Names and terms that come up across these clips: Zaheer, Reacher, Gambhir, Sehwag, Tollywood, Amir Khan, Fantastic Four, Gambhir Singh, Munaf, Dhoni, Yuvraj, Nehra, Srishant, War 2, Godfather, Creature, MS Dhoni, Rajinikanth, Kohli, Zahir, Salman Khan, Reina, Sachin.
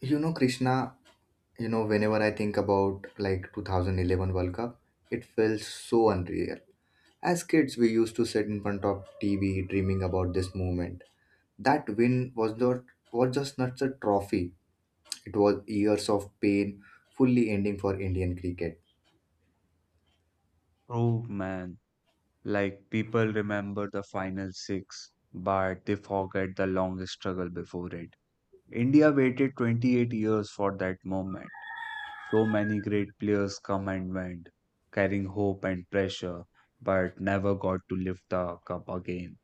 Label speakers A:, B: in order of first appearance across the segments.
A: Krishna, whenever I think about like 2011 World Cup, it feels so unreal. As kids, we used to sit in front of TV dreaming about this moment. That win was just not a trophy. It was years of pain, fully ending for Indian cricket.
B: True, man. Like people remember the final six, but they forget the long struggle before it. India waited 28 years for that moment. So many great players come and went, carrying hope and pressure, but never got to lift the cup again.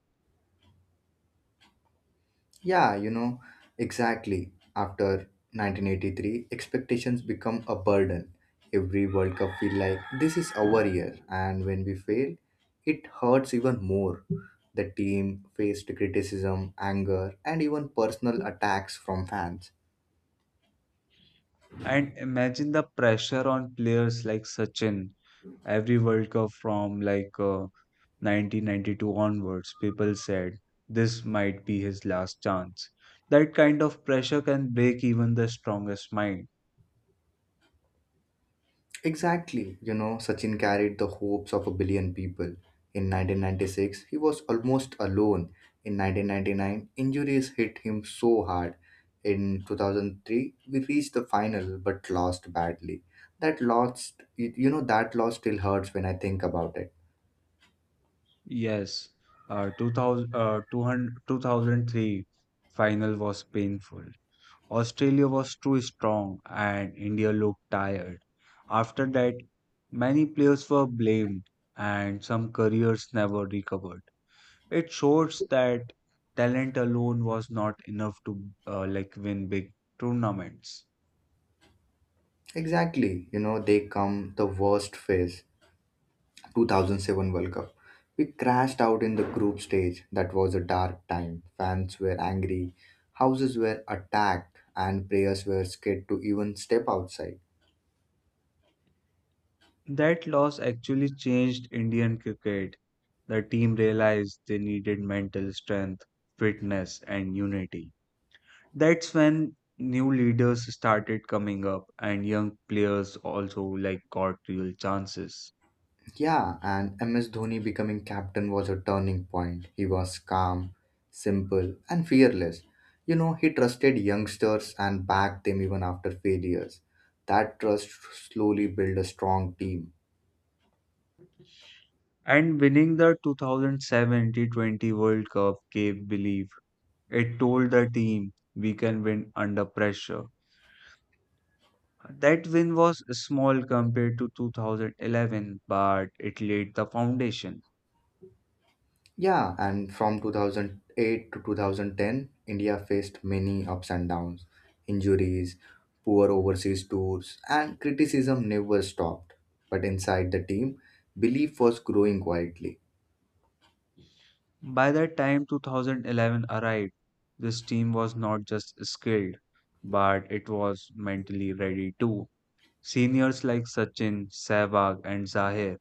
A: Yeah, exactly. After 1983, expectations become a burden. Every World Cup feel like this is our year, and when we fail, it hurts even more. The team faced criticism, anger, and even personal attacks from fans.
B: And imagine the pressure on players like Sachin. Every World Cup from 1992 onwards, people said this might be his last chance. That kind of pressure can break even the strongest mind.
A: Exactly. Sachin carried the hopes of a billion people. In 1996, he was almost alone. In 1999, injuries hit him so hard. In 2003, we reached the final but lost badly. That loss, you know, that loss still hurts when I think about it.
B: Yes, uh, 2000, uh, 200, 2003 final was painful. Australia was too strong and India looked tired. After that, many players were blamed and some careers never recovered. It shows that talent alone was not enough to like win big tournaments.
A: Exactly. They come the worst phase. 2007 World Cup. We crashed out in the group stage. That was a dark time. Fans were angry, houses were attacked, and players were scared to even step outside.
B: That loss actually changed Indian cricket. The team realized they needed mental strength, fitness, and unity. That's when new leaders started coming up and young players also like got real chances.
A: Yeah, and MS Dhoni becoming captain was a turning point. He was calm, simple, and fearless. He trusted youngsters and backed them even after failures. That trust slowly built a strong team.
B: And winning the 2007 T20 World Cup gave belief. It told the team we can win under pressure. That win was small compared to 2011, but it laid the foundation.
A: Yeah, and from 2008 to 2010, India faced many ups and downs, injuries, poor overseas tours, and criticism never stopped. But inside the team, belief was growing quietly.
B: By the time 2011 arrived, this team was not just skilled, but it was mentally ready too. Seniors like Sachin, Sehwag, and Zahir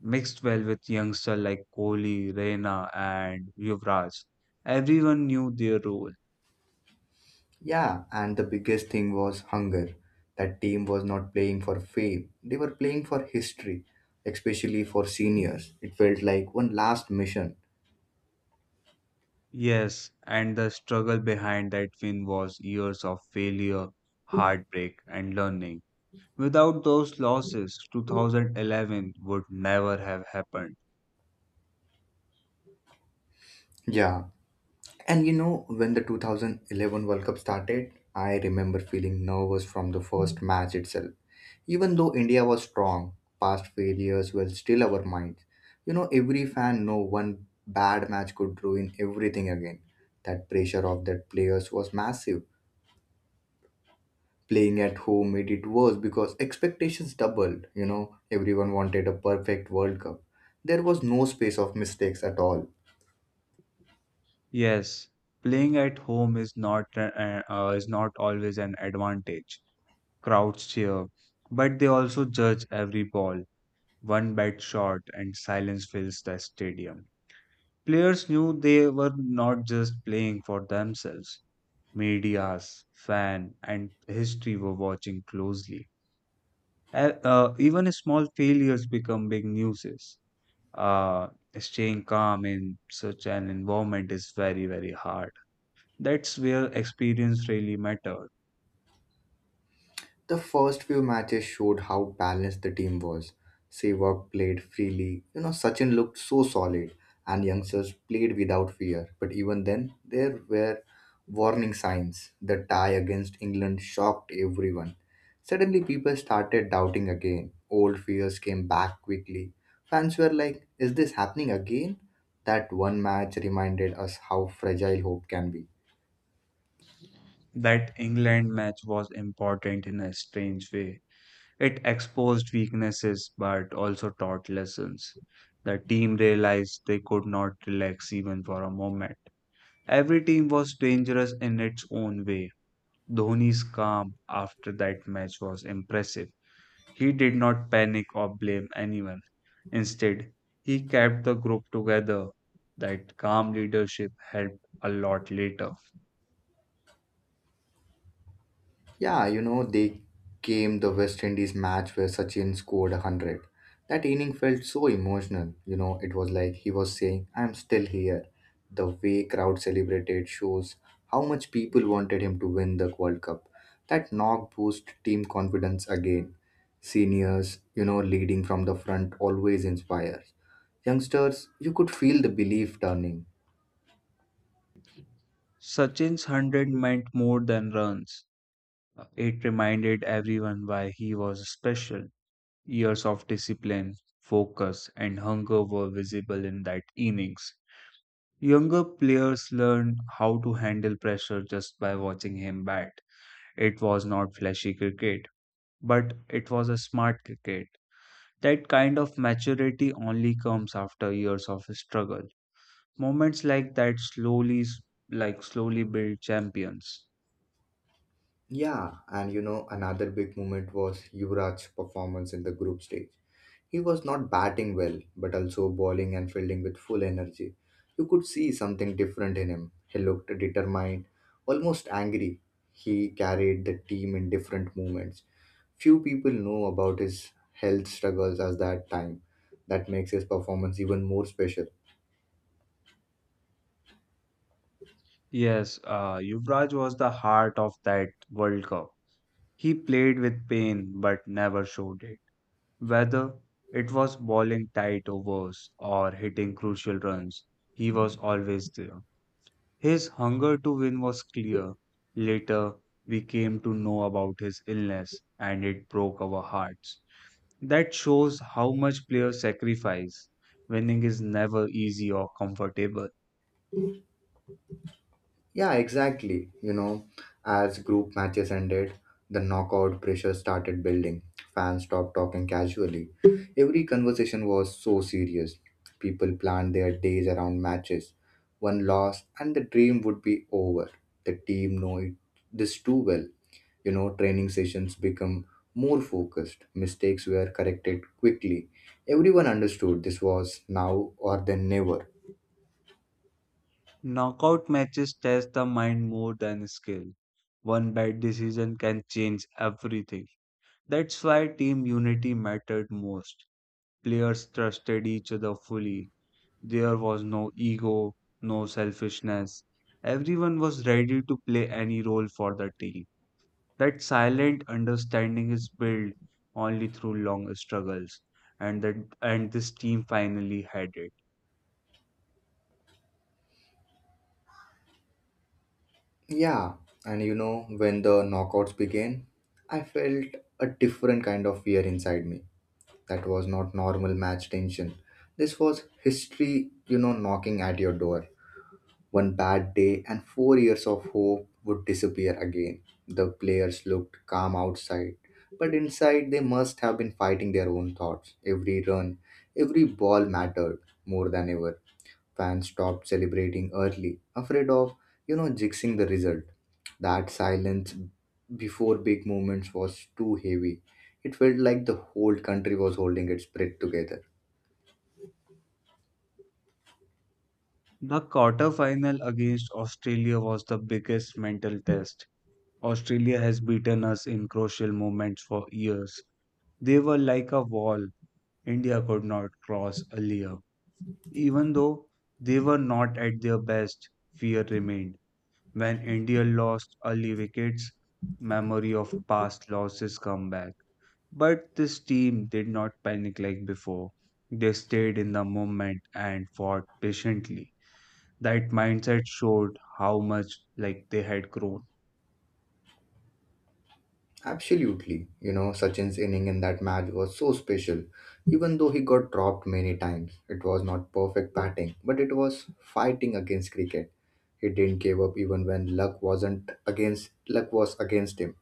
B: mixed well with youngsters like Kohli, Reina, and Yuvraj. Everyone knew their role.
A: Yeah, and the biggest thing was hunger. That team was not playing for fame, they were playing for history, especially for seniors. It felt like one last mission.
B: Yes, and the struggle behind that win was years of failure, heartbreak, and learning. Without those losses, 2011 would never have happened.
A: Yeah, and when the 2011 World Cup started, I remember feeling nervous from the first match itself. Even though India was strong, past failures were still our minds. Every fan know one bad match could ruin everything again. That pressure of that players was massive. Playing at home made it worse because expectations doubled. Everyone wanted a perfect World Cup. There was no space of mistakes at all.
B: Yes, playing at home is not is not always an advantage. Crowds cheer, but they also judge every ball. One bad shot and silence fills the stadium. Players knew they were not just playing for themselves. Medias, fan, and history were watching closely. Even small failures become big newses. uh, Staying calm in such an environment is very, very hard. That's where experience really mattered.
A: The first few matches showed how balanced the team was. Sehwag played freely, Sachin looked so solid, and youngsters played without fear. But even then, there were warning signs. The tie against England shocked everyone. Suddenly, people started doubting again. Old fears came back quickly. Fans were like, "Is this happening again?" That one match reminded us how fragile hope can be.
B: That England match was important in a strange way. It exposed weaknesses but also taught lessons. The team realized they could not relax even for a moment. Every team was dangerous in its own way. Dhoni's calm after that match was impressive. He did not panic or blame anyone. Instead, he kept the group together. That calm leadership helped a lot later.
A: Yeah, they came the West Indies match where Sachin scored 100. That inning felt so emotional. It was like he was saying, "I'm still here." The way crowd celebrated shows how much people wanted him to win the World Cup. That knock boost team confidence again. Seniors, leading from the front always inspires. Youngsters, you could feel the belief turning.
B: Sachin's 100 meant more than runs. It reminded everyone why he was special. Years of discipline, focus, and hunger were visible in that innings. Younger players learned how to handle pressure just by watching him bat. It was not flashy cricket, but it was a smart cricket. That kind of maturity only comes after years of struggle. Moments like that like slowly build champions.
A: Yeah, and another big moment was Yuvraj's performance in the group stage. He was not batting well, but also bowling and fielding with full energy. You could see something different in him. He looked determined, almost angry. He carried the team in different moments. Few people know about his health struggles at that time. That makes his performance even more special.
B: Yes, Yuvraj was the heart of that World Cup. He played with pain but never showed it. Whether it was bowling tight overs or hitting crucial runs, he was always there. His hunger to win was clear. Later, we came to know about his illness and it broke our hearts. That shows how much players sacrifice. Winning is never easy or comfortable.
A: Yeah, exactly. As group matches ended, the knockout pressure started building. Fans stopped talking casually. Every conversation was so serious. People planned their days around matches. One loss and the dream would be over. The team know it, this too well. Training sessions become more focused. Mistakes were corrected quickly. Everyone understood this was now or then never.
B: Knockout matches test the mind more than skill. One bad decision can change everything. That's why team unity mattered most. Players trusted each other fully. There was no ego, no selfishness. Everyone was ready to play any role for the team. That silent understanding is built only through long struggles, and that and this team finally had it.
A: Yeah, and when the knockouts began, I felt a different kind of fear inside me. That was not normal match tension. This was history, knocking at your door. One bad day and 4 years of hope would disappear again. The players looked calm outside, but inside they must have been fighting their own thoughts. Every run, every ball mattered more than ever. Fans stopped celebrating early, afraid of, jinxing the result. That silence before big moments was too heavy. It felt like the whole country was holding its breath together.
B: The quarterfinal against Australia was the biggest mental test. Australia has beaten us in crucial moments for years. They were like a wall India could not cross earlier. Even though they were not at their best, fear remained. When India lost early wickets, memory of past losses come back. But this team did not panic like before. They stayed in the moment and fought patiently. That mindset showed how much like they had grown.
A: Absolutely. Sachin's inning in that match was so special. Even though he got dropped many times, it was not perfect batting, but it was fighting against cricket. He didn't give up even when luck wasn't against luck was against him.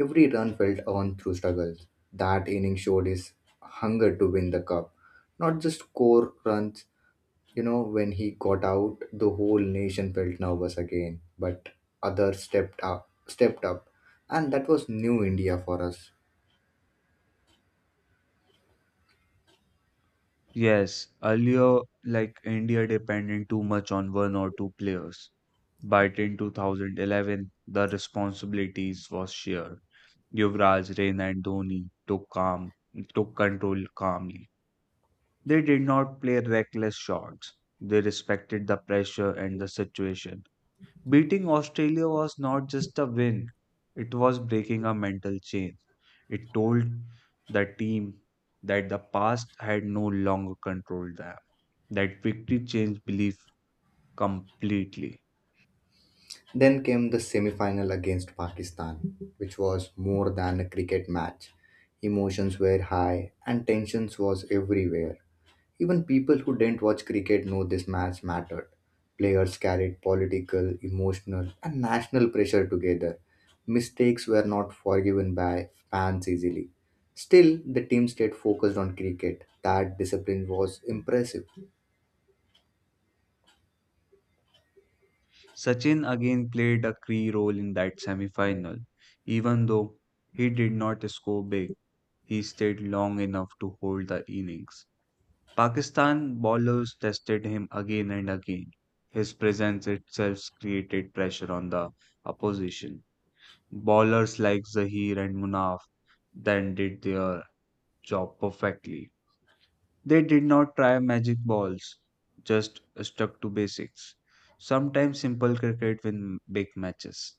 A: Every run felt earned through struggle. That inning showed his hunger to win the cup, not just score runs. When he got out, the whole nation felt nervous again, but others stepped up, and that was new India for us.
B: Yes, earlier like India depended too much on one or two players. But in 2011, the responsibilities was shared. Yuvraj, Reina and took control calmly. They did not play reckless shots. They respected the pressure and the situation. Beating Australia was not just a win, it was breaking a mental chain. It told the team that the past had no longer controlled them, that victory changed belief completely.
A: Then came the semi-final against Pakistan, which was more than a cricket match. Emotions were high and tensions was everywhere. Even people who didn't watch cricket know this match mattered. Players carried political, emotional, and national pressure together. Mistakes were not forgiven by fans easily. Still, the team stayed focused on cricket. That discipline was impressive.
B: Sachin again played a key role in that semi final. Even though he did not score big, he stayed long enough to hold the innings. Pakistan bowlers tested him again and again. His presence itself created pressure on the opposition. Bowlers like Zaheer and Munaf then did their job perfectly. They did not try magic balls, just stuck to basics. Sometimes simple cricket win big matches.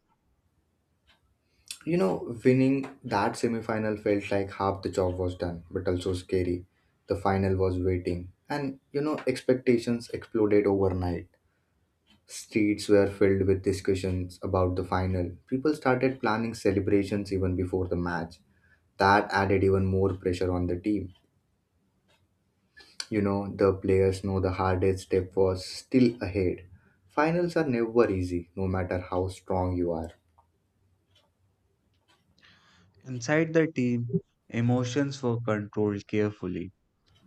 A: Winning that semi final felt like half the job was done, but also scary. The final was waiting, and expectations exploded overnight. Streets were filled with discussions about the final. People started planning celebrations even before the match. That added even more pressure on the team. The players know the hardest step was still ahead. Finals are never easy, no matter how strong you are.
B: Inside the team, emotions were controlled carefully.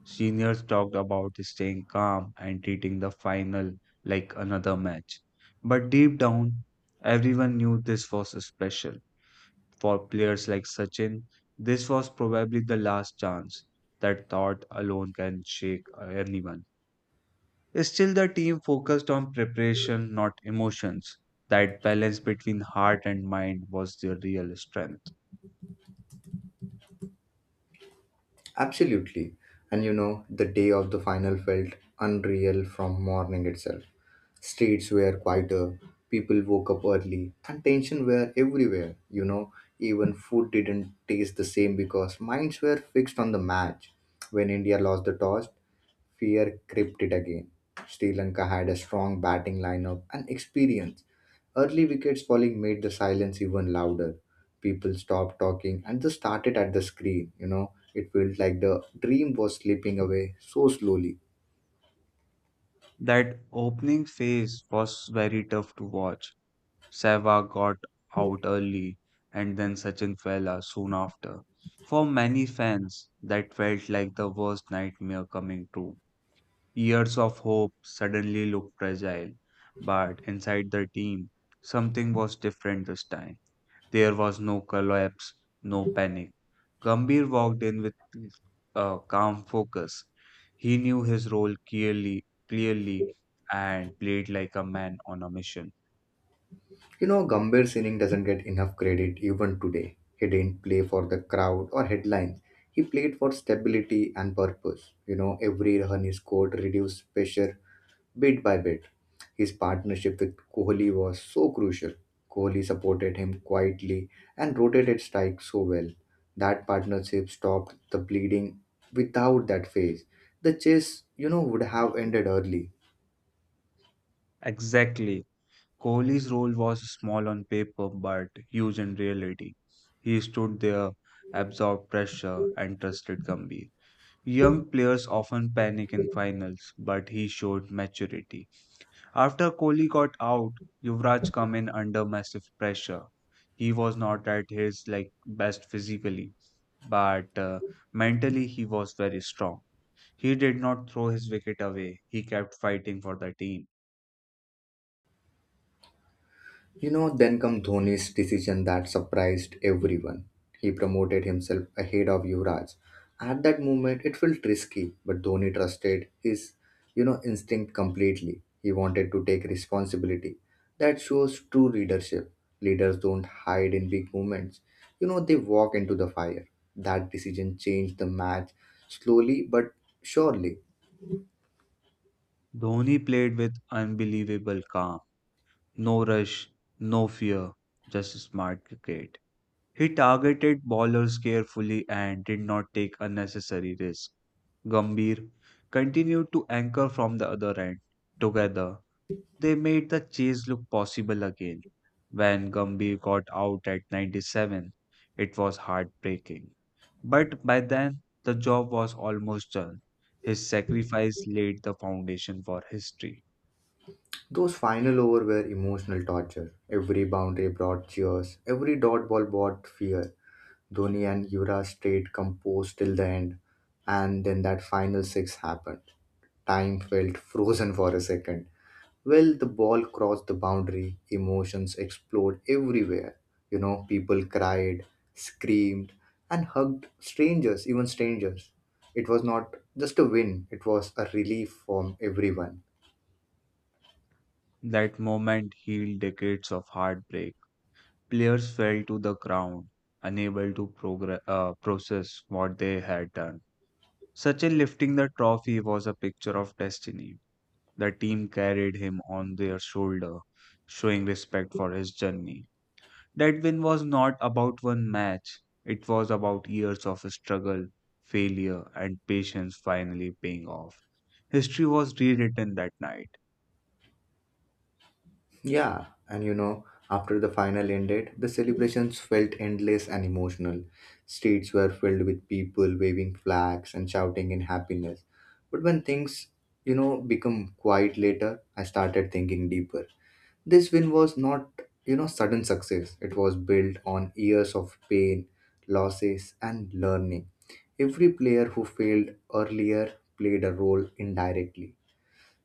B: Seniors talked about staying calm and treating the final like another match. But deep down, everyone knew this was special. For players like Sachin, this was probably the last chance. That thought alone can shake anyone. Still, the team focused on preparation, not emotions. That balance between heart and mind was their real strength.
A: Absolutely. And the day of the final felt unreal from morning itself. Streets were quieter, people woke up early, and tension were everywhere. Even food didn't taste the same because minds were fixed on the match. When India lost the toss, fear crept it again. Sri Lanka had a strong batting lineup and experience. Early wickets falling made the silence even louder. People stopped talking and just started at the screen. It felt like the dream was slipping away so slowly.
B: That opening phase was very tough to watch. Sehwag got out early and then Sachin Fela soon after. For many fans, that felt like the worst nightmare coming true. Years of hope suddenly looked fragile, but inside the team, something was different this time. There was no collapse, no panic. Gambhir walked in with a calm focus. He knew his role clearly, and played like a man on a mission.
A: Gambhir Singh doesn't get enough credit even today. He didn't play for the crowd or headlines. He played for stability and purpose. Every run he scored reduced pressure bit by bit. His partnership with Kohli was so crucial. Kohli supported him quietly and rotated strikes so well. That partnership stopped the bleeding without that phase. The chase, would have ended early.
B: Exactly. Kohli's role was small on paper but huge in reality. He stood there, absorbed pressure, and trusted Gambhir. Young players often panic in finals, but he showed maturity. After Kohli got out, Yuvraj came in under massive pressure. He was not at his like best physically, but mentally he was very strong. He did not throw his wicket away. He kept fighting for the team.
A: Then come Dhoni's decision that surprised everyone. He promoted himself ahead of Yuvraj. At that moment, it felt risky, but Dhoni trusted his, instinct completely. He wanted to take responsibility. That shows true leadership. Leaders don't hide in big moments. They walk into the fire. That decision changed the match slowly but surely.
B: Dhoni played with unbelievable calm. No rush, no fear, just smart cricket. He targeted bowlers carefully and did not take unnecessary risks. Gambhir continued to anchor from the other end. Together, they made the chase look possible again. When Gambhir got out at 97, it was heartbreaking. But by then, the job was almost done. His sacrifice laid the foundation for history.
A: Those final over were emotional torture. Every boundary brought cheers. Every dot ball brought fear. Dhoni and Yuvraj stayed composed till the end, and then that final six happened. Time felt frozen for a second. Well, the ball crossed the boundary, emotions explode everywhere. People cried, screamed, and hugged strangers, even strangers. It was not just a win, it was a relief from everyone.
B: That moment healed decades of heartbreak. Players fell to the ground, unable to process what they had done. Sachin lifting the trophy was a picture of destiny. The team carried him on their shoulder, showing respect for his journey. That win was not about one match, it was about years of struggle, failure, and patience finally paying off. History was rewritten that night.
A: Yeah, and after the final ended, the celebrations felt endless and emotional. Streets were filled with people waving flags and shouting in happiness. But when things, become quiet later, I started thinking deeper. This win was not, sudden success. It was built on years of pain, losses, and learning. Every player who failed earlier played a role indirectly.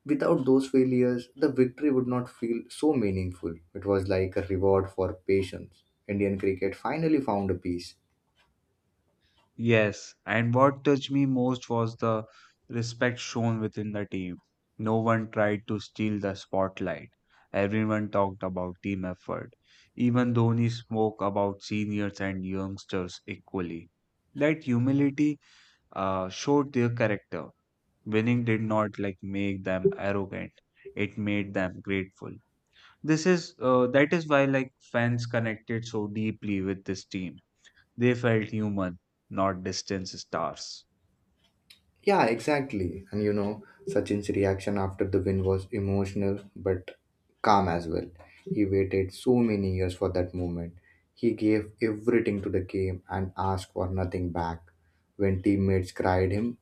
A: Without those failures, the victory would not feel so meaningful. It was like a reward for patience. Indian cricket finally found a peace.
B: Yes, and what touched me most was the respect shown within the team. No one tried to steal the spotlight. Everyone talked about team effort. Even Dhoni spoke about seniors and youngsters equally. That humility showed their character. Winning did not like make them arrogant. It made them grateful. This is That is why like fans connected so deeply with this team. They felt human, not distant stars.
A: Yeah, exactly. And Sachin's reaction after the win was emotional but calm as well. He waited so many years for that moment. He gave everything to the game and asked for nothing back. When teammates cried him,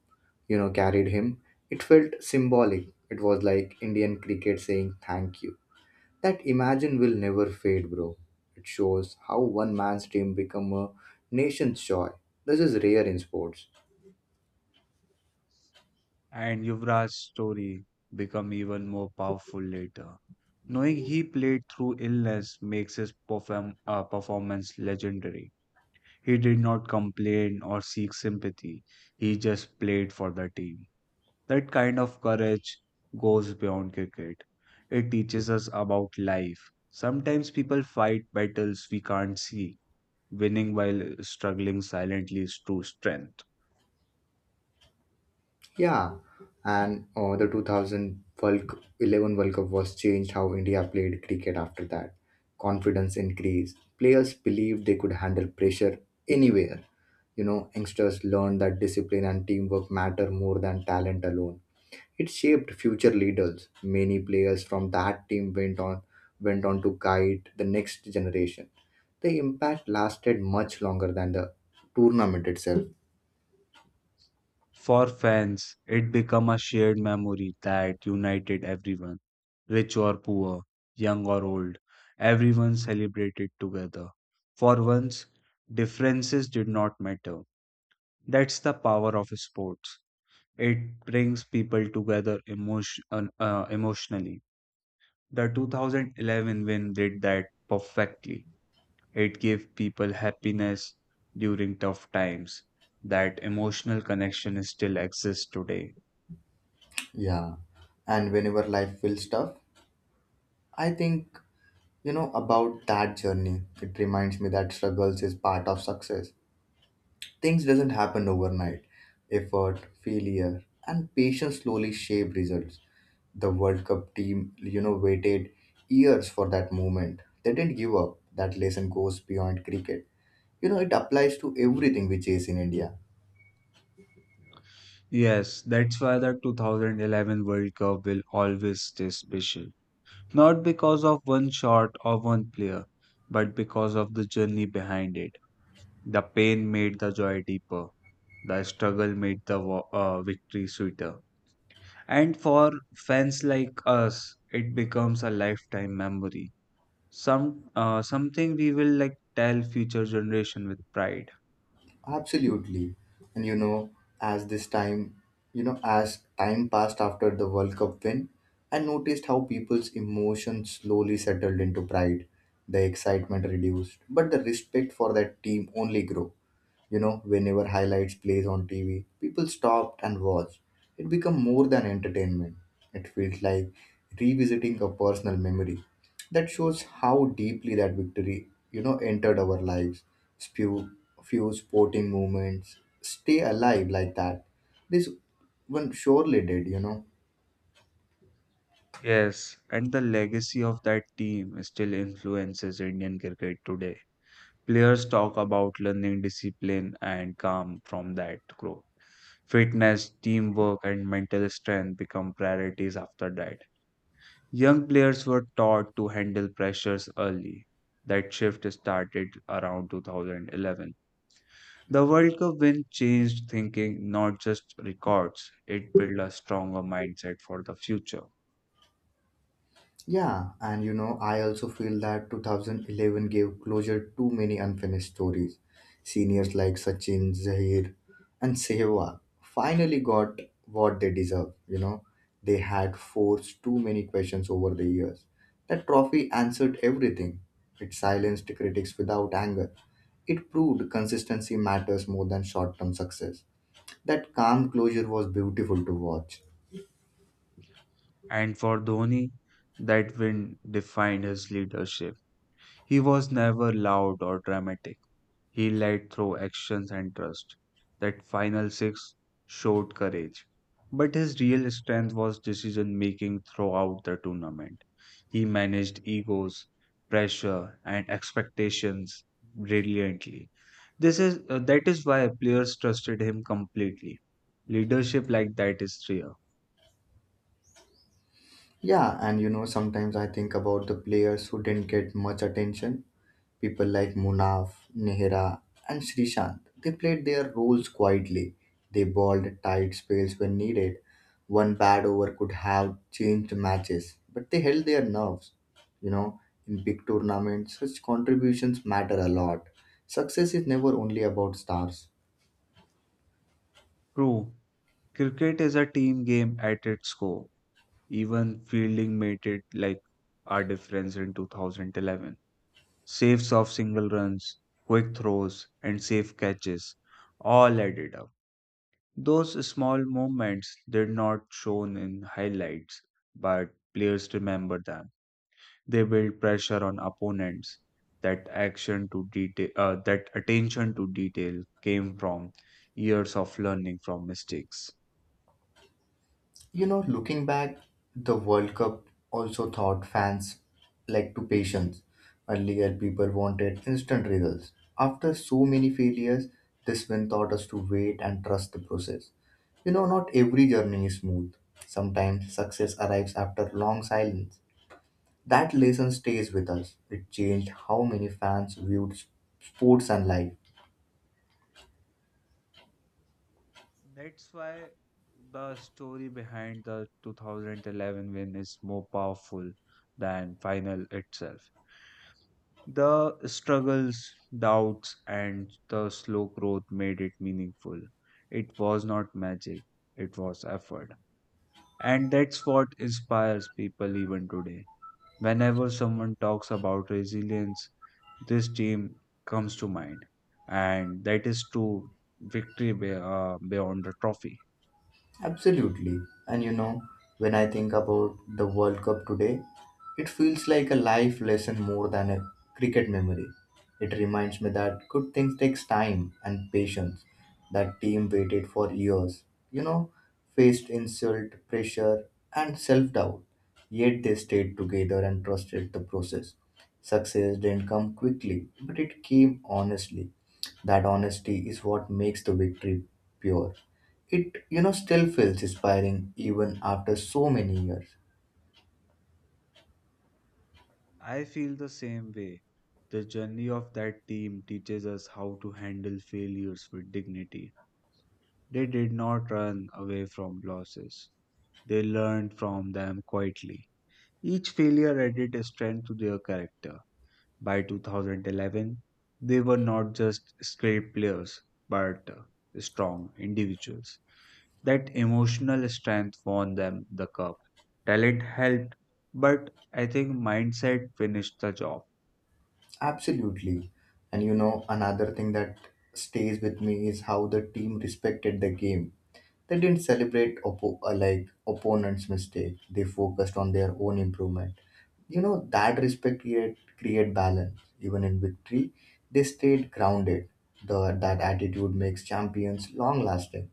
A: carried him, it felt symbolic. It was like Indian cricket saying thank you. That imagine will never fade, bro. It shows how one man's team become a nation's joy. This is rare in sports.
B: And Yuvraj's story become even more powerful later. Knowing he played through illness makes his performance legendary. He did not complain or seek sympathy. He just played for the team. That kind of courage goes beyond cricket. It teaches us about life. Sometimes people fight battles we can't see. Winning while struggling silently is true strength.
A: Yeah, and the 11 World Cup was changed how India played cricket after that. Confidence increased. Players believed they could handle pressure anywhere. Youngsters learned that discipline and teamwork matter more than talent alone. It shaped future leaders. Many players from that team went on to guide the next generation. The impact lasted much longer than the tournament itself.
B: For fans, it became a shared memory that united everyone, rich or poor, young or old. Everyone celebrated together. For once, differences did not matter. That's the power of sports. It brings people together emotionally. The 2011 win did that perfectly. It gave people happiness during tough times. That emotional connection still exists today.
A: Yeah. And whenever life feels tough, I think, about that journey, it reminds me that struggles is part of success. Things doesn't happen overnight. Effort, failure, and patience slowly shape results. The World Cup team, waited years for that moment. They didn't give up. That lesson goes beyond cricket. It applies to everything we chase in India.
B: Yes, that's why the 2011 World Cup will always stay special. Not because of one shot or one player, but because of the journey behind it. The pain made the joy deeper. The struggle made the victory sweeter. And for fans like us, it becomes a lifetime memory. Something we will like tell future generation with pride.
A: Absolutely. And you know, as this time, you know, as time passed after the World Cup win, I noticed how people's emotions slowly settled into pride. The excitement reduced, but the respect for that team only grew. You know, whenever highlights plays on TV, people stopped and watched. It became more than entertainment. It feels like revisiting a personal memory. That shows how deeply that victory, you know, entered our lives. Few, few sporting moments stay alive like that. This one surely did,
B: Yes, and the legacy of that team still influences Indian cricket today. Players talk about learning discipline and calm from that growth. Fitness, teamwork, and mental strength become priorities after that. Young players were taught to handle pressures early. That shift started around 2011. The World Cup win changed thinking, not just records, it built a stronger mindset for the future.
A: Yeah, and you know, I also feel that 2011 gave closure to many unfinished stories. Seniors like Sachin, Zahir, and Sehwag finally got what they deserve. You know, they had forced too many questions over the years. That trophy answered everything. It silenced critics without anger. It proved consistency matters more than short term success. That calm closure was beautiful to watch.
B: And for Dhoni, that win defined his leadership. He was never loud or dramatic. He led through actions and trust. That final six showed courage. But his real strength was decision making throughout the tournament. He managed egos, pressure, and expectations brilliantly. This is That is why players trusted him completely. Leadership like that is rare.
A: Yeah, and you know, sometimes I think about the players who didn't get much attention. People like Munaf, Nehra, and Srishant. They played their roles quietly. They bowled tight spells when needed. One bad over could have changed matches, but they held their nerves. You know, in big tournaments, such contributions matter a lot. Success is never only about stars.
B: True, cricket is a team game at its core. Even fielding made it like our difference in 2011. Saves off single runs, quick throws, and safe catches all added up. Those small moments did not shown in highlights, but players remember them. They build pressure on opponents. That that attention to detail came from years of learning from mistakes.
A: You know, looking back, the World Cup also taught fans like to patience. Earlier, people wanted instant results. After so many failures, this win taught us to wait and trust the process. You know, not every journey is smooth. Sometimes success arrives after long silence. That lesson stays with us. It changed how many fans viewed sports and life.
B: That's why the story behind the 2011 win is more powerful than final itself. The struggles, doubts, and the slow growth made it meaningful. It was not magic, it was effort. And that's what inspires people even today. Whenever someone talks about resilience, this team comes to mind. And that is true beyond the trophy.
A: Absolutely. And you know, when I think about the World Cup today, it feels like a life lesson more than a cricket memory. It reminds me that good things takes time and patience. That team waited for years, you know, faced insult, pressure, and self-doubt. Yet they stayed together and trusted the process. Success didn't come quickly, but it came honestly. That honesty is what makes the victory pure. It you know still feels inspiring even after so many years.
B: I feel the same way. The journey of that team teaches us how to handle failures with dignity. They did not run away from losses. They learned from them quietly. Each failure added strength to their character. By 2011, they were not just skilled players, but strong individuals. That emotional strength won them the cup. Talent helped, but I think mindset finished the job.
A: Absolutely. And you know, another thing that stays with me is how the team respected the game. They didn't like opponents mistake. They focused on their own improvement. You know, that respect create balance even in victory. They stayed grounded. That attitude makes champions long lasting.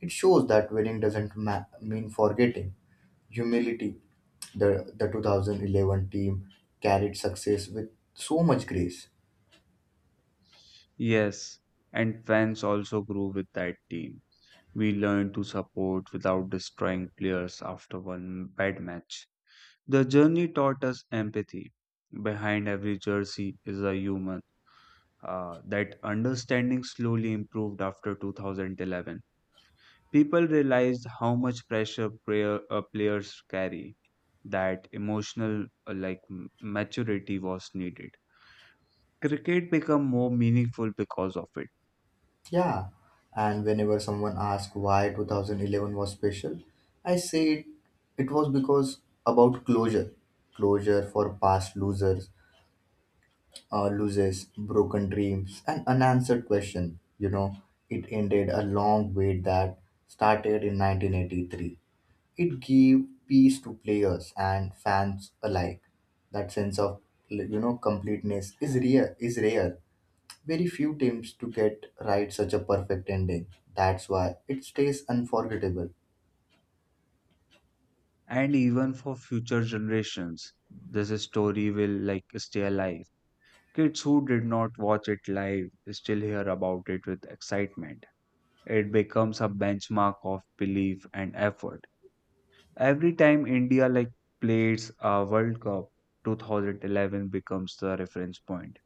A: It shows that winning doesn't ma- mean forgetting humility. The 2011 team carried success with so much grace.
B: Yes, and fans also grew with that team. We learned to support without destroying players after one bad match. The journey taught us empathy. Behind every jersey is a human. That understanding slowly improved after 2011. People realized how much pressure players carry, that emotional maturity was needed. Cricket became more meaningful because of it,
A: Yeah, and whenever someone asks why 2011 was special, I say it, it was because about closure, closure for past loses, broken dreams, and unanswered question. You know, it ended a long wait that started in 1983. It gave peace to players and fans alike. That sense of, you know, completeness is rare. Is rare. Very few teams to get right such a perfect ending. That's why it stays unforgettable.
B: and even for future generations, this story will like stay alive. Kids who did not watch it live still hear about it with excitement. It becomes a benchmark of belief and effort. Every time India like plays a World Cup, 2011 becomes the reference point.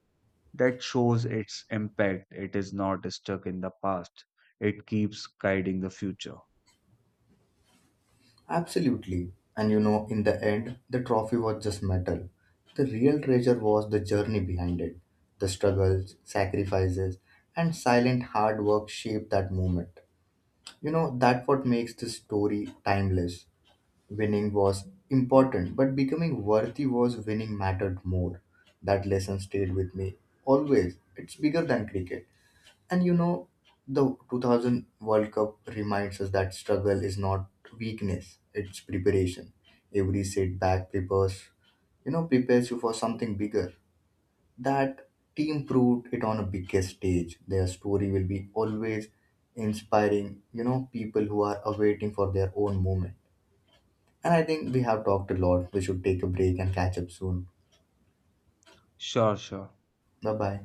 B: That shows its impact. It is not stuck in the past. It keeps guiding the future.
A: Absolutely. And you know, in the end, the trophy was just metal. The real treasure was the journey behind it. The struggles, sacrifices, and silent hard work shaped that moment. You know, that's what makes this story timeless. Winning was important, but becoming worthy was winning mattered more. That lesson stayed with me always. It's bigger than cricket. And you know, the 2000 World Cup reminds us that struggle is not weakness, it's preparation. Every setback prepares, you know, prepares you for something bigger. That team proved it on a bigger stage. Their story will be always inspiring, you know, people who are awaiting for their own moment. And I think we have talked a lot. We should take a break and catch up soon.
B: Sure, sure.
A: Bye bye.